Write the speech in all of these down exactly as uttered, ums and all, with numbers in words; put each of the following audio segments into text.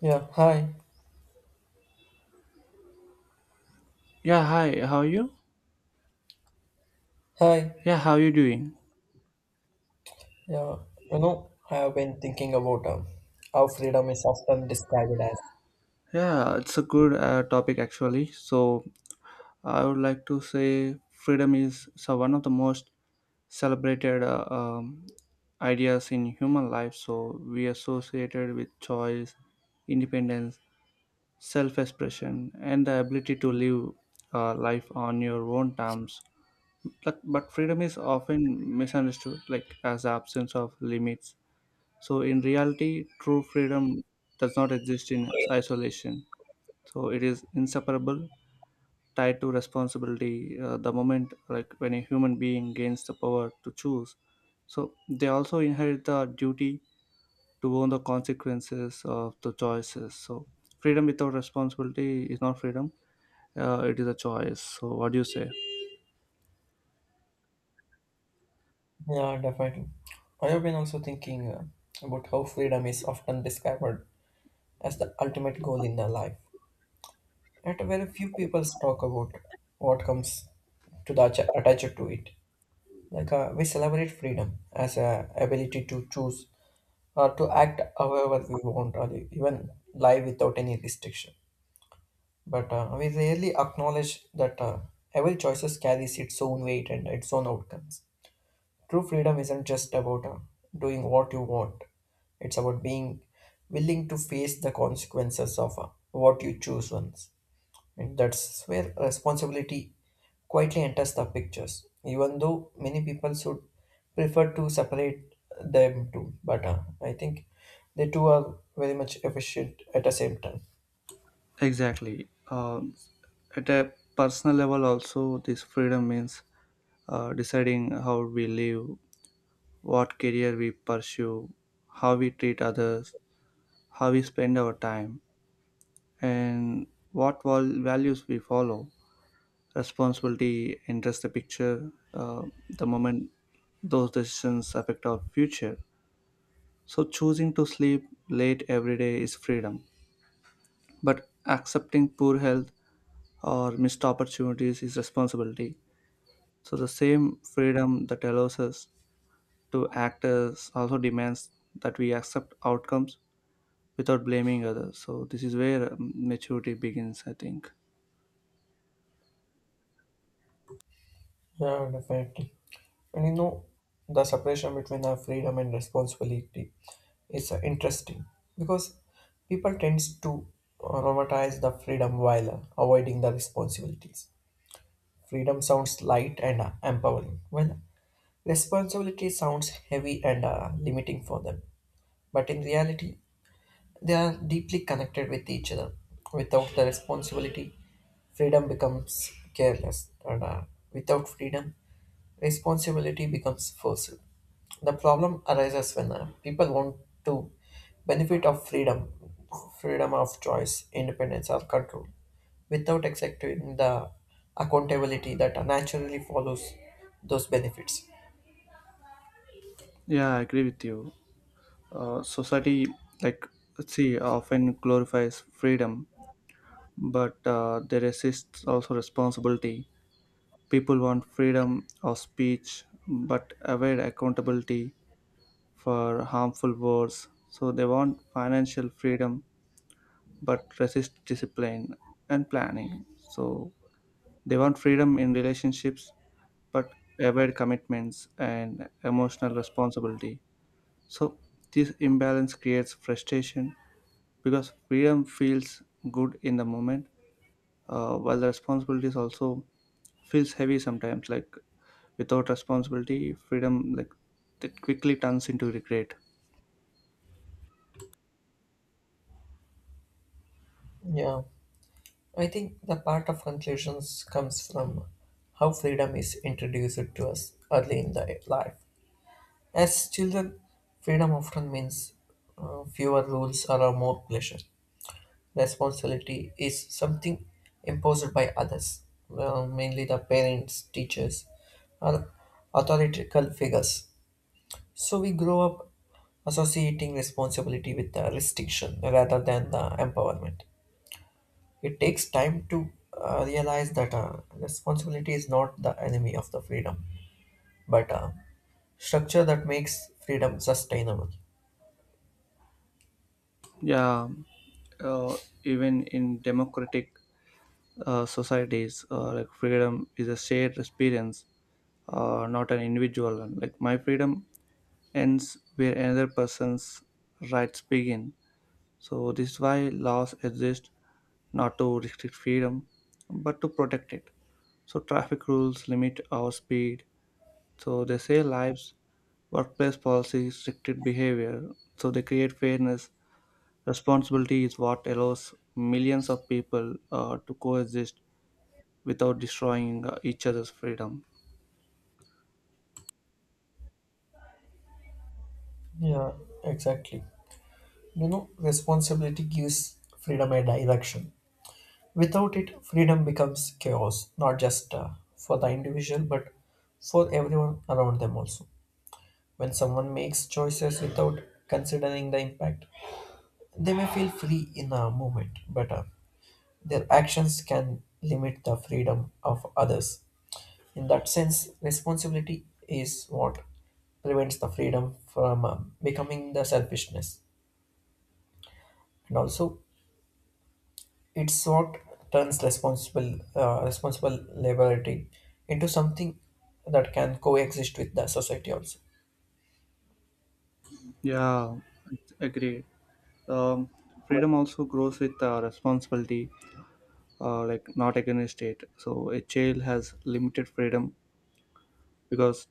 Yeah, hi. Yeah, hi. How are you? Hi. Yeah, how are you doing? Yeah, you know, I have been thinking about um, how freedom is often described as. Yeah, it's a good uh, topic actually. So, I would like to say freedom is so one of the most celebrated uh, um, ideas in human life. So, we associated with choice, independence, self-expression, and the ability to live uh, life on your own terms. But, but freedom is often misunderstood, like as the absence of limits. So, in reality, true freedom does not exist in isolation. So, it is inseparable, tied to responsibility. Uh, the moment, like when a human being gains the power to choose, so they also inherit the duty to own the consequences of the choices. So, freedom without responsibility is not freedom. Uh, it is a choice. So, what do you say? Yeah, definitely. I have been also thinking uh, about how freedom is often described as the ultimate goal in the life. Yet very few people talk about what comes to the atta- attached to it. Like uh, we celebrate freedom as a ability to choose or to act however we want or even live without any restriction but uh, we rarely acknowledge that uh, every choice carries its own weight and its own outcomes. True freedom isn't just about uh, doing what you want, it's about being willing to face the consequences of uh, what you choose once. And that's where responsibility quietly enters the pictures, even though many people should prefer to separate them too. But uh, I think the two are very much efficient at the same time. Exactly. Um, at a personal level, also, this freedom means uh, deciding how we live, what career we pursue, how we treat others, how we spend our time, and what val- values we follow. Responsibility enters the picture uh, the moment those decisions affect our future. So, choosing to sleep late every day is freedom, but accepting poor health or missed opportunities is responsibility. So, the same freedom that allows us to act as also demands that we accept outcomes without blaming others. So this is where um, maturity begins, I think. Yeah, definitely. And you know, the separation between our freedom and responsibility is uh, interesting because people tends to uh, romanticize the freedom while uh, avoiding the responsibilities. Freedom sounds light and uh, empowering, while responsibility sounds heavy and uh, limiting for them. But in reality, they are deeply connected with each other. Without the responsibility, freedom becomes careless, and uh, without freedom, responsibility becomes forced. The problem arises when uh, people want to benefit of freedom, freedom of choice, independence, or control, without accepting the accountability that uh, naturally follows those benefits. Yeah, I agree with you. Uh, society, like, let's see, often glorifies freedom, but uh, there exists also responsibility. People want freedom of speech, but avoid accountability for harmful words. So they want financial freedom, but resist discipline and planning. So they want freedom in relationships but avoid commitments and emotional responsibility. So, this imbalance creates frustration because freedom feels good in the moment, uh, while the responsibilities also feels heavy sometimes. Like without responsibility, freedom like that quickly turns into regret. Yeah, I think the part of conclusions comes from how freedom is introduced to us early in the life. As children, freedom often means uh, fewer rules or a more pleasure. Responsibility is something imposed by others, well, mainly the parents, teachers, or authoritative figures. So we grow up associating responsibility with the restriction rather than the empowerment. It takes time to uh, realize that uh, responsibility is not the enemy of the freedom, but a structure that makes freedom sustainable. Yeah, uh, even in democratic uh, societies, uh, like freedom is a shared experience, uh, not an individual one. Like my freedom ends where another person's rights begin. So this is why laws exist not to restrict freedom, but to protect it. So traffic rules limit our speed. So they save lives. Workplace policies restricted behavior. So they create fairness. Responsibility is what allows millions of people uh, to coexist without destroying uh, each other's freedom. Yeah, exactly. You know, responsibility gives freedom a direction. Without it, freedom becomes chaos, not just uh, for the individual, but for everyone around them also. When someone makes choices without considering the impact, they may feel free in a moment, but uh, their actions can limit the freedom of others. In that sense, responsibility is what prevents the freedom from uh, becoming the selfishness. And also, it's what turns responsible uh, responsible liberty into something that can coexist with the society also. Yeah, agreed. um, freedom also grows with uh, responsibility, uh, like not against it. So a child has limited freedom because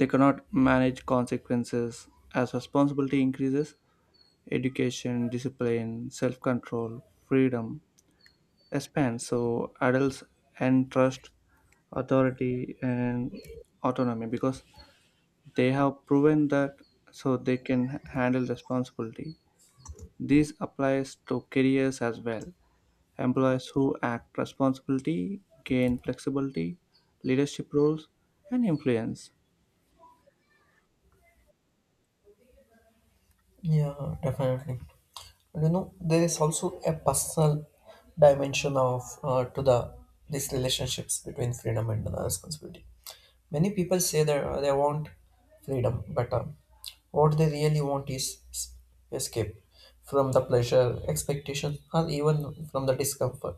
they cannot manage consequences. As responsibility increases, education, discipline, self-control, freedom expands. So adults and trust, authority, and autonomy, because they have proven that, so they can handle responsibility. This applies to careers as well. Employees who act responsibility gain flexibility, leadership roles, and influence. Yeah, definitely. And you know, there is also a personal dimension of uh, to the these relationships between freedom and the responsibility. Many people say that uh, they want freedom, but uh, what they really want is s- escape from the pleasure, expectations, or even from the discomfort.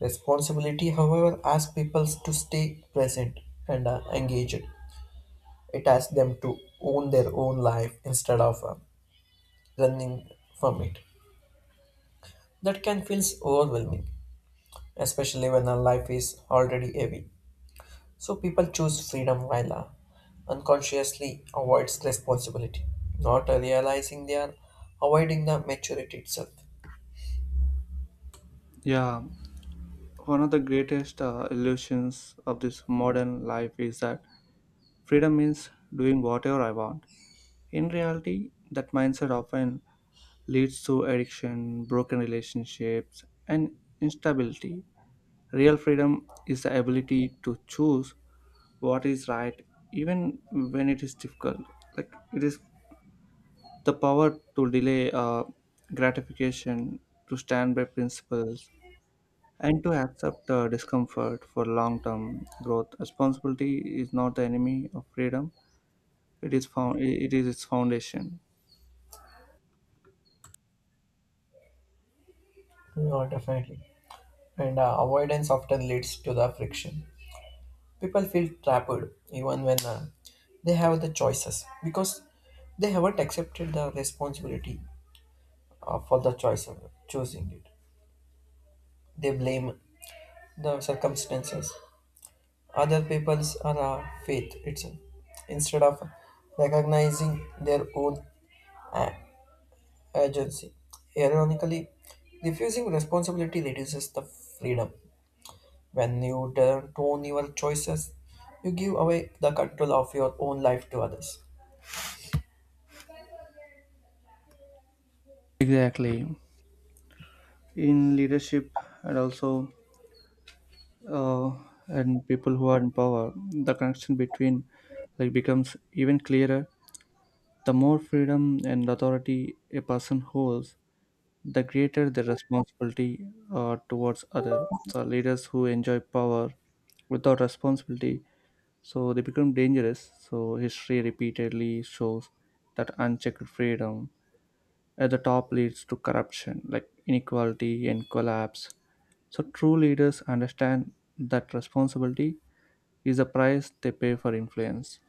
Responsibility, however, asks people to stay present and uh, engaged. It asks them to own their own life instead of uh, running from it. That can feel overwhelming, especially when our life is already heavy. So people choose freedom while uh, unconsciously avoids responsibility, not uh, realizing they are avoiding the maturity itself. Yeah, one of the greatest uh, illusions of this modern life is that freedom means doing whatever I want. In reality, that mindset often leads to addiction, broken relationships, and instability. Real freedom is the ability to choose what is right even when it is difficult, like it is the power to delay uh, gratification, to stand by principles, and to accept uh, discomfort for long term growth. Responsibility is not the enemy of freedom, it is, found, it is its foundation. Yeah, definitely. And uh, avoidance often leads to the friction. People feel trapped even when uh, they have the choices because they haven't accepted the responsibility uh, for the choice of choosing it. They blame the circumstances, other people's or uh, faith itself, instead of recognizing their own uh, agency. Ironically, refusing responsibility reduces the freedom. When you turn not own your choices, you give away the control of your own life to others. Exactly. In leadership and also uh, and people who are in power, the connection between like becomes even clearer. The more freedom and authority a person holds, the greater the responsibility uh, towards other. So leaders who enjoy power without responsibility, so they become dangerous. So history repeatedly shows that unchecked freedom at the top leads to corruption, like inequality and collapse. So true leaders understand that responsibility is the price they pay for influence.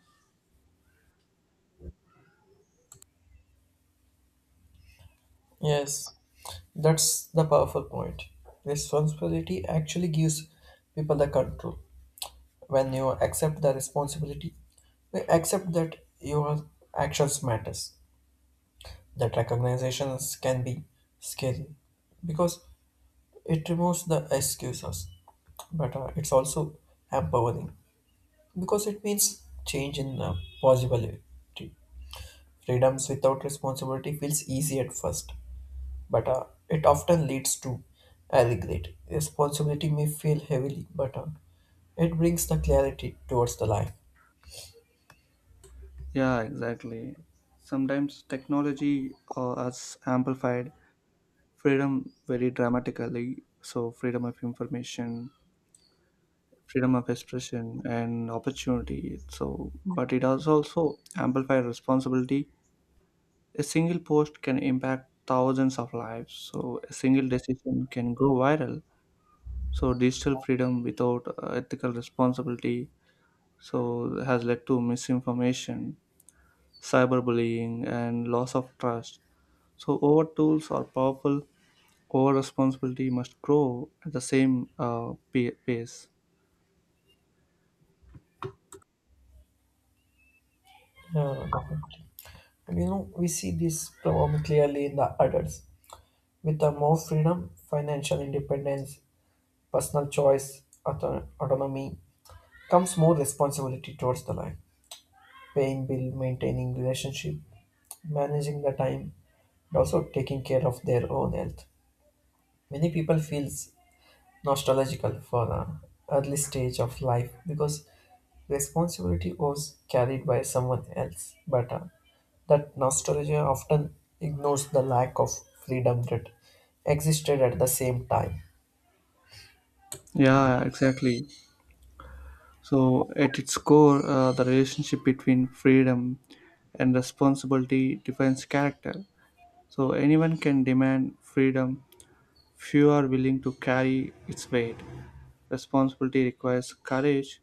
Yes, that's the powerful point. Responsibility actually gives people the control. When you accept the responsibility, you accept that your actions matters. That recognitions can be scary because it removes the excuses, but uh, it's also empowering because it means change in uh, possibility. Freedoms without responsibility feels easy at first, but uh, it often leads to I regret. Responsibility may feel heavily, but uh, it brings the clarity towards the life. Yeah, exactly. Sometimes technology uh, has amplified freedom very dramatically. So freedom of information, freedom of expression and opportunity. So but it does also amplify responsibility. A single post can impact thousands of lives. So a single decision can go viral. So digital freedom without uh, ethical responsibility, so, has led to misinformation, cyberbullying, and loss of trust. So over tools are powerful, our responsibility must grow at the same uh, pa- pace. Uh, definitely. And you know, we see this problem clearly in the adults. With the more freedom, financial independence, personal choice, auto- autonomy, comes more responsibility towards the life. Paying bill, maintaining relationship, managing the time, and also taking care of their own health. Many people feels nostalgical for the early stage of life because responsibility was carried by someone else. But uh, that nostalgia often ignores the lack of freedom that existed at the same time. Yeah, exactly. So, at its core, uh, the relationship between freedom and responsibility defines character. So, anyone can demand freedom, few are willing to carry its weight. Responsibility requires courage,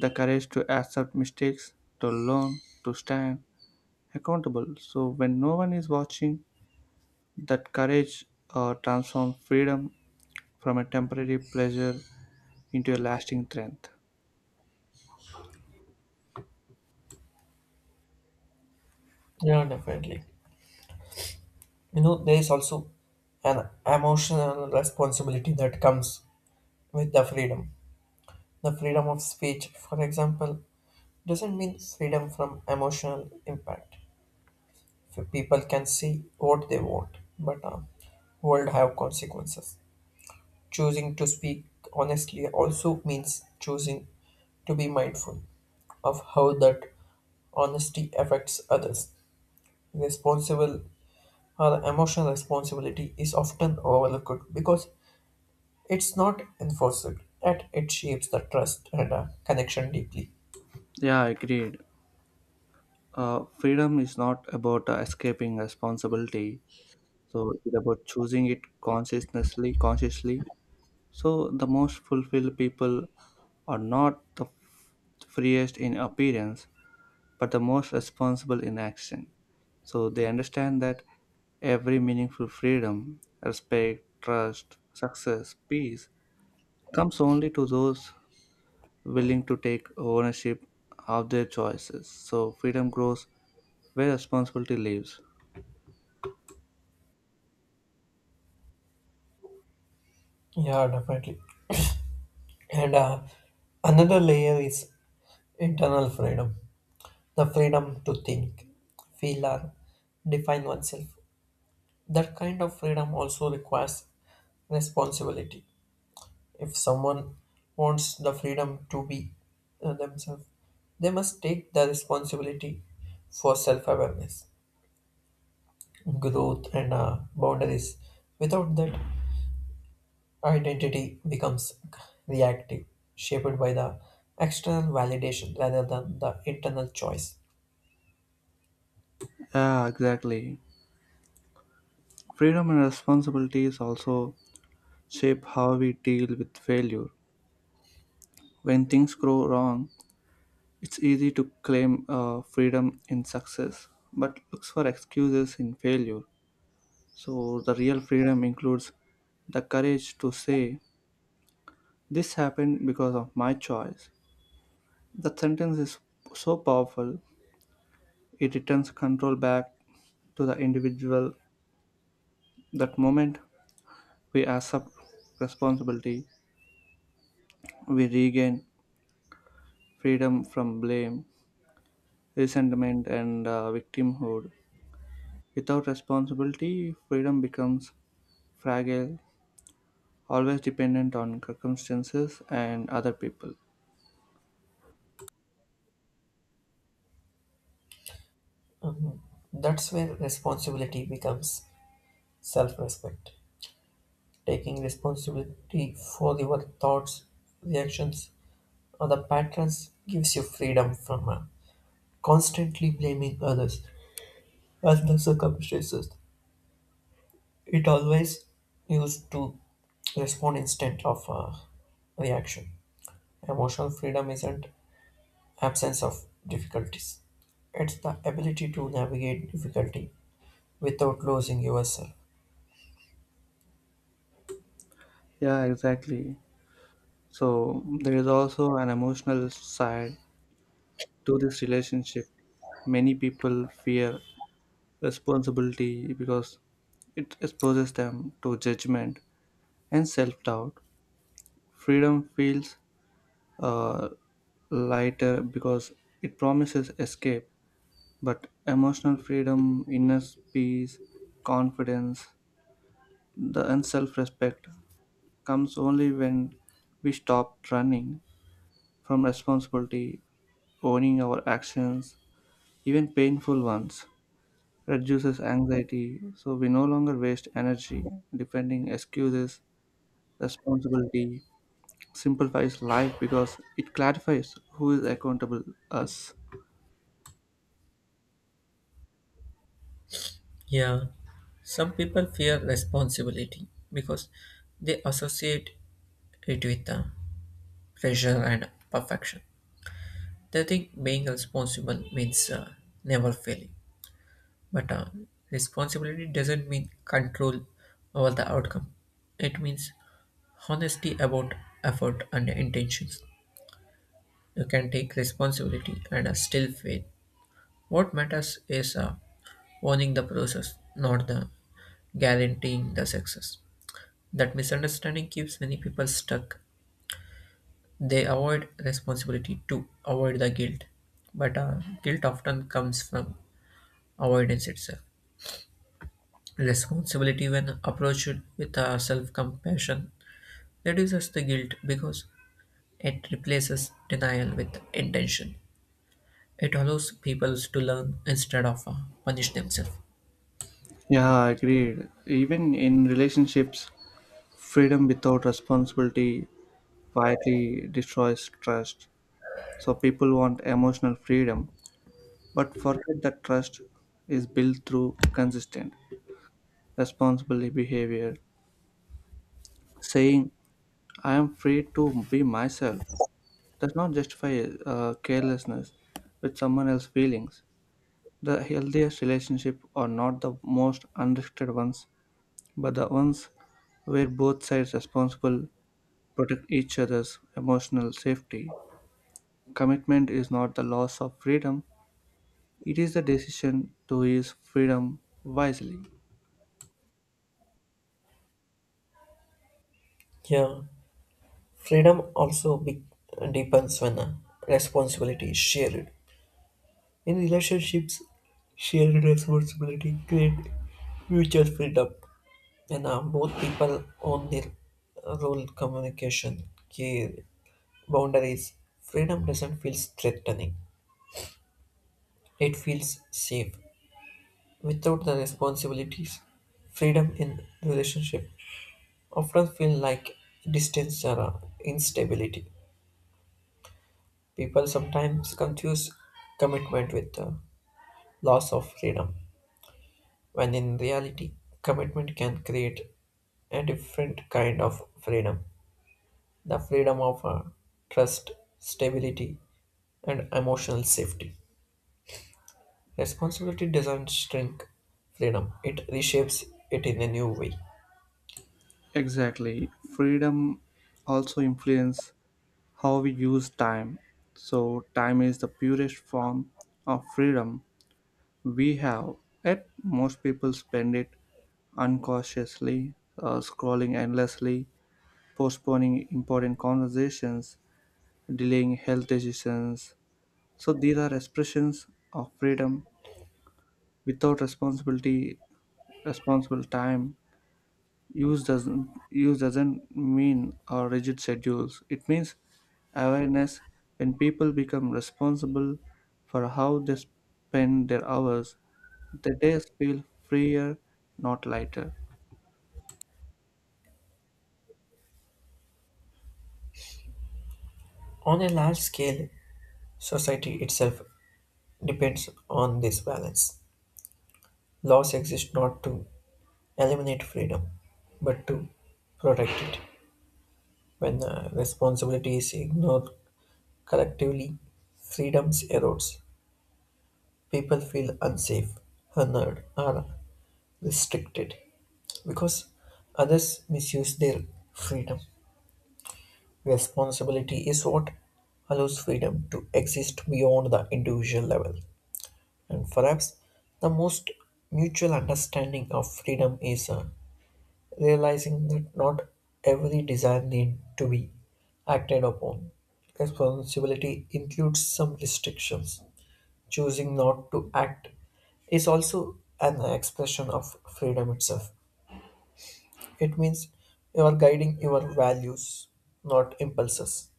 the courage to accept mistakes, to learn, to stand accountable. So, when no one is watching, that courage uh, transforms freedom from a temporary pleasure into a lasting strength. Yeah, definitely. You know, there is also an emotional responsibility that comes with the freedom. The freedom of speech, for example, doesn't mean freedom from emotional impact. So people can say what they want, but uh, world have consequences. Choosing to speak honestly also means choosing to be mindful of how that honesty affects others. Responsible or emotional responsibility is often overlooked because it's not enforced and it shapes the trust and uh, connection deeply. Yeah, agreed. Uh, freedom is not about uh, escaping responsibility. So it's about choosing it consciously, consciously. So the most fulfilled people are not the f- freest in appearance, but the most responsible in action. So they understand that every meaningful freedom, respect, trust, success, peace comes only to those willing to take ownership of their choices. So freedom grows where responsibility lives. Yeah, definitely. And uh, another layer is internal freedom, the freedom to think, feel, or define oneself. That kind of freedom also requires responsibility. If someone wants the freedom to be uh, themselves, they must take the responsibility for self awareness, growth, and uh, boundaries. Without that, identity becomes reactive, shaped by the external validation rather than the internal choice. Yeah, exactly. Freedom and responsibilities also shape how we deal with failure. When things go wrong, it's easy to claim uh, freedom in success, but looks for excuses in failure. So the real freedom includes the courage to say, "This happened because of my choice." That sentence is so powerful, it returns control back to the individual. That moment we accept responsibility, we regain freedom from blame, resentment, and uh, victimhood. Without responsibility, freedom becomes fragile, always dependent on circumstances and other people. That's where responsibility becomes self respect. Taking responsibility for your thoughts, reactions, or the patterns gives you freedom from uh, constantly blaming others as the circumstances. It always used to respond instead of uh, reaction. Emotional freedom isn't absence of difficulties. It's the ability to navigate difficulty without losing yourself. Yeah, exactly. So, there is also an emotional side to this relationship. Many people fear responsibility because it exposes them to judgment and self doubt. Freedom feels uh, lighter because it promises escape, but emotional freedom, inner peace, confidence, the and self respect comes only when we stop running from responsibility, owning our actions, even painful ones. Reduces anxiety, so we no longer waste energy defending excuses, responsibility, simplifies life because it clarifies who is accountable, us. Yeah, some people fear responsibility because they associate it with uh, pressure and perfection. They think being responsible means uh, never failing, but uh, responsibility doesn't mean control over the outcome. It means honesty about effort and intentions. You can take responsibility and uh, still fail. What matters is uh, owning the process, not the guaranteeing the success. That misunderstanding keeps many people stuck. They avoid responsibility to avoid the guilt, but uh, guilt often comes from avoidance itself. Responsibility, when approached with uh, self compassion, reduces the guilt because it replaces denial with intention. It allows people to learn instead of uh, punish themselves. Yeah agreed, even in relationships freedom without responsibility quietly destroys trust. So people want emotional freedom but forget that trust is built through consistent responsible behavior. Saying I am free to be myself does not justify uh, carelessness with someone else's feelings. The healthiest relationships are not the most unrestricted ones, but the ones where both sides responsible protect each other's emotional safety. Commitment is not the loss of freedom, it is the decision to use freedom wisely. Yeah, freedom also be- depends when uh, responsibility is shared. In relationships, shared responsibility creates mutual freedom. And uh, both people own their role communication, care, boundaries. Freedom doesn't feel threatening, it feels safe. Without the responsibilities, freedom in relationship often feel like distance or uh, instability. People sometimes confuse commitment with uh, loss of freedom, when in reality, commitment can create a different kind of freedom, the freedom of uh, trust, stability, and emotional safety. Responsibility doesn't shrink freedom, it reshapes it in a new way. Exactly. Freedom also influences how we use time. So time is the purest form of freedom we have. Yet most people spend it unconsciously, uh, scrolling endlessly, postponing important conversations, delaying health decisions. So these are expressions of freedom without responsibility, responsible time. Use doesn't use doesn't mean our rigid schedules. It means awareness. When people become responsible for how they spend their hours, the days feel freer, not lighter. On a large scale, society itself depends on this balance. Laws exist not to eliminate freedom, but to protect it. When uh, responsibility is ignored collectively, freedoms erodes. People feel unsafe, unheard, or restricted because others misuse their freedom. Responsibility is what allows freedom to exist beyond the individual level. And perhaps the most mutual understanding of freedom is uh, realizing that not every desire needs to be acted upon. Responsibility includes some restrictions. Choosing not to act is also an expression of freedom itself. It means you are guiding your values, not impulses.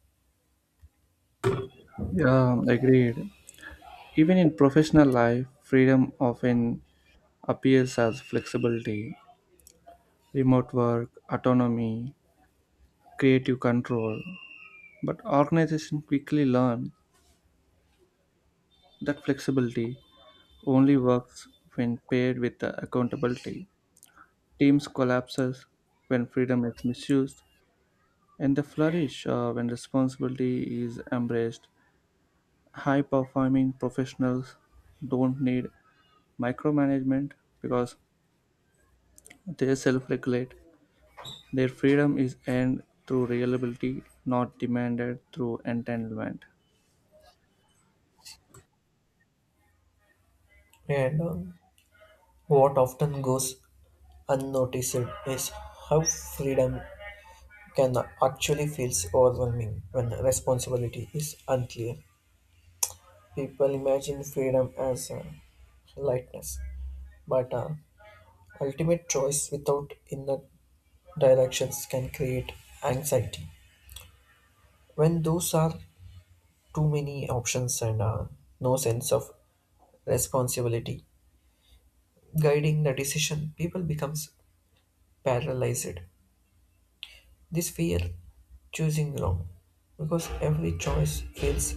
Yeah, agreed. Even in professional life, freedom often appears as flexibility, remote work, autonomy, creative control. But organizations quickly learn that flexibility only works when paired with the accountability. Teams collapses when freedom is misused, and they flourish uh, when responsibility is embraced. High performing professionals don't need micromanagement because they self regulate. Their freedom is earned through reliability, not demanded through entitlement. And um, what often goes unnoticed is how freedom can actually feel overwhelming when responsibility is unclear. People imagine freedom as uh, lightness, but uh, ultimate choice without inner directions can create anxiety. When those are too many options and uh, no sense of responsibility, guiding the decision, people becomes paralyzed. This fear choosing wrong because every choice feels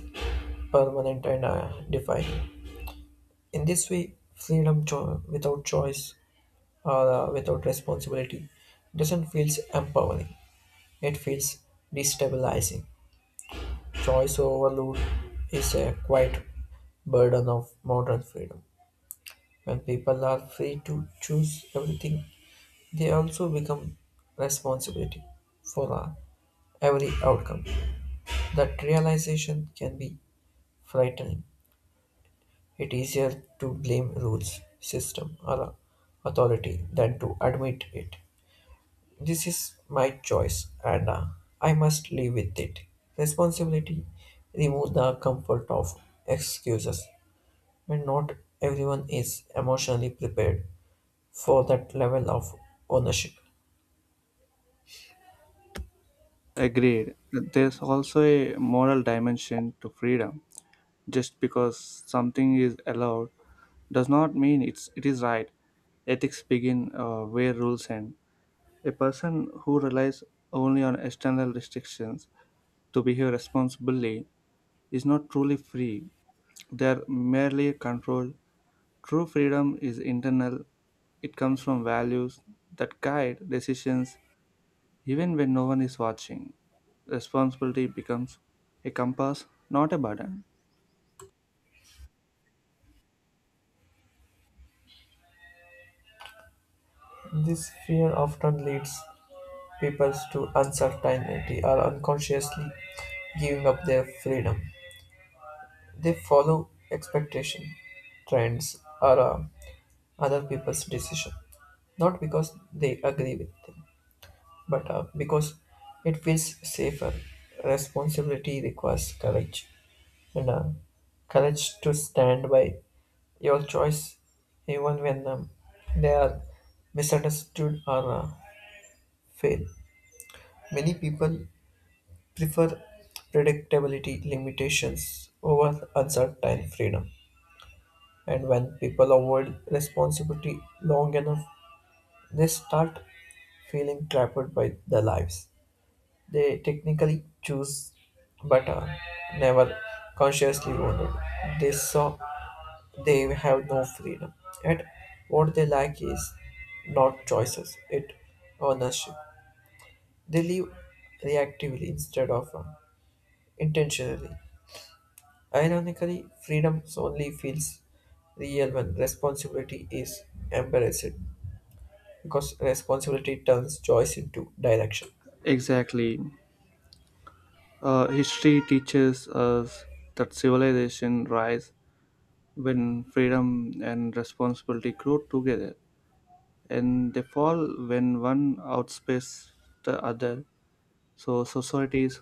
permanent and uh, defined. In this way, freedom cho- without choice or uh, without responsibility doesn't feel empowering. It feels destabilizing. Choice overload is a quite burden of modern freedom. When people are free to choose everything, they also become responsibility for uh, every outcome. That realization can be frightening. It's easier to blame rules, system, or authority than to admit it. This is my choice, and uh, I must live with it. Responsibility remove the comfort of excuses, and not everyone is emotionally prepared for that level of ownership. Agreed. There's also a moral dimension to freedom. Just because something is allowed does not mean it's it is right. Ethics begin uh, where rules end. A person who relies only on external restrictions to behave responsibly is not truly free. They are merely controlled. True freedom is internal, it comes from values that guide decisions even when no one is watching. Responsibility becomes a compass, not a burden. This fear often leads peoples to uncertainty are unconsciously giving up their freedom. They follow expectation, trends, or uh, other people's decision, not because they agree with them, but uh, because it feels safer. Responsibility requires courage, and uh, courage to stand by your choice, even when um, they are misunderstood or uh, fail. Many people prefer predictability limitations over uncertain freedom. And when people avoid responsibility long enough, they start feeling trapped by their lives. They technically choose, but uh, never consciously wanted. They saw they have no freedom. Yet, what they lack is not choices, it ownership. They live reactively instead of uh, intentionally. Ironically, freedom only feels real when responsibility is embarrassed because responsibility turns choice into direction. Exactly. Uh, history teaches us that civilization rise when freedom and responsibility grow together, and they fall when one outpaces the other. So societies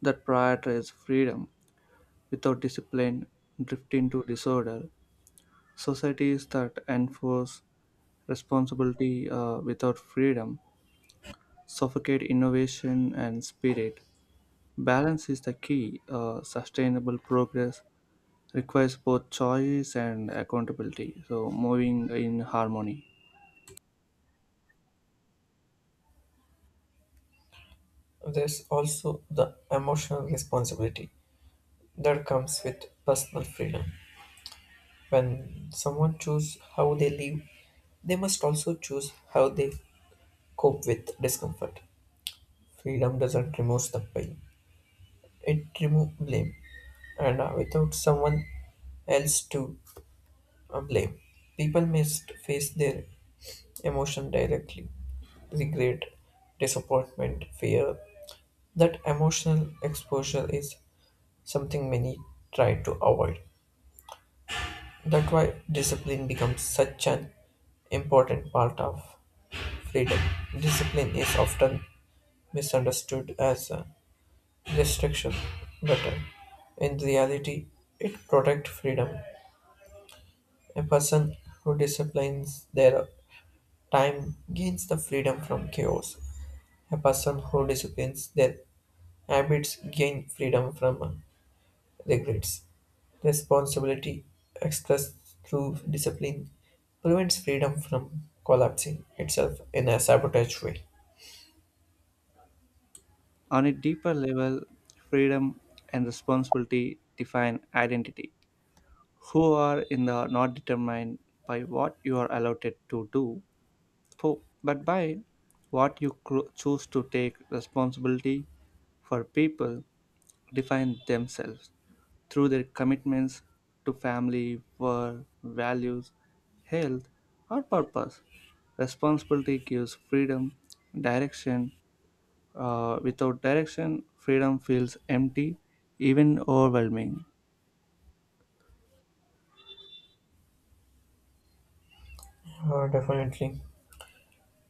that prioritize freedom without discipline drift into disorder. Societies that enforce responsibility uh, without freedom suffocate innovation and spirit. Balance is the key. Uh, sustainable progress requires both choice and accountability, so moving in harmony. There's also the emotional responsibility that comes with personal freedom. When someone chooses how they live, they must also choose how they cope with discomfort. Freedom doesn't remove the pain, it removes blame. And uh, without someone else to uh, blame. People must face their emotion directly. Regret, disappointment, fear. That emotional exposure is something many try to avoid. That's why discipline becomes such an important part of freedom. Discipline is often misunderstood as a restriction, but uh, in reality, it protects freedom. A person who disciplines their time gains the freedom from chaos. A person who disciplines their habits gain freedom from uh, regrets. Responsibility expressed through discipline prevents freedom from collapsing itself in a sabotage way. On a deeper level, freedom and responsibility define identity. Who are in the not determined by what you are allowed to do, for, but by what you cro- choose to take responsibility for. People define themselves through their commitments to family, work, values, health, or purpose. Responsibility gives freedom, direction. Uh, without direction, freedom feels empty, even overwhelming. Uh, definitely.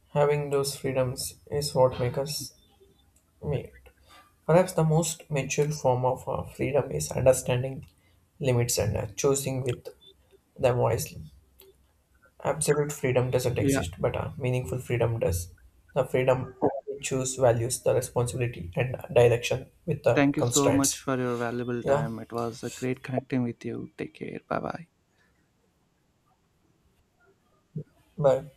Having those freedoms is what makes us made. Perhaps the most mature form of uh, freedom is understanding limits and uh, choosing with them wisely. Absolute freedom doesn't Yeah, exist, but a meaningful freedom does. The freedom to choose values, the responsibility, and direction with the thank you so much constraints. for your valuable Yeah, time. It was a great connecting with you. Take care. Bye bye. bye.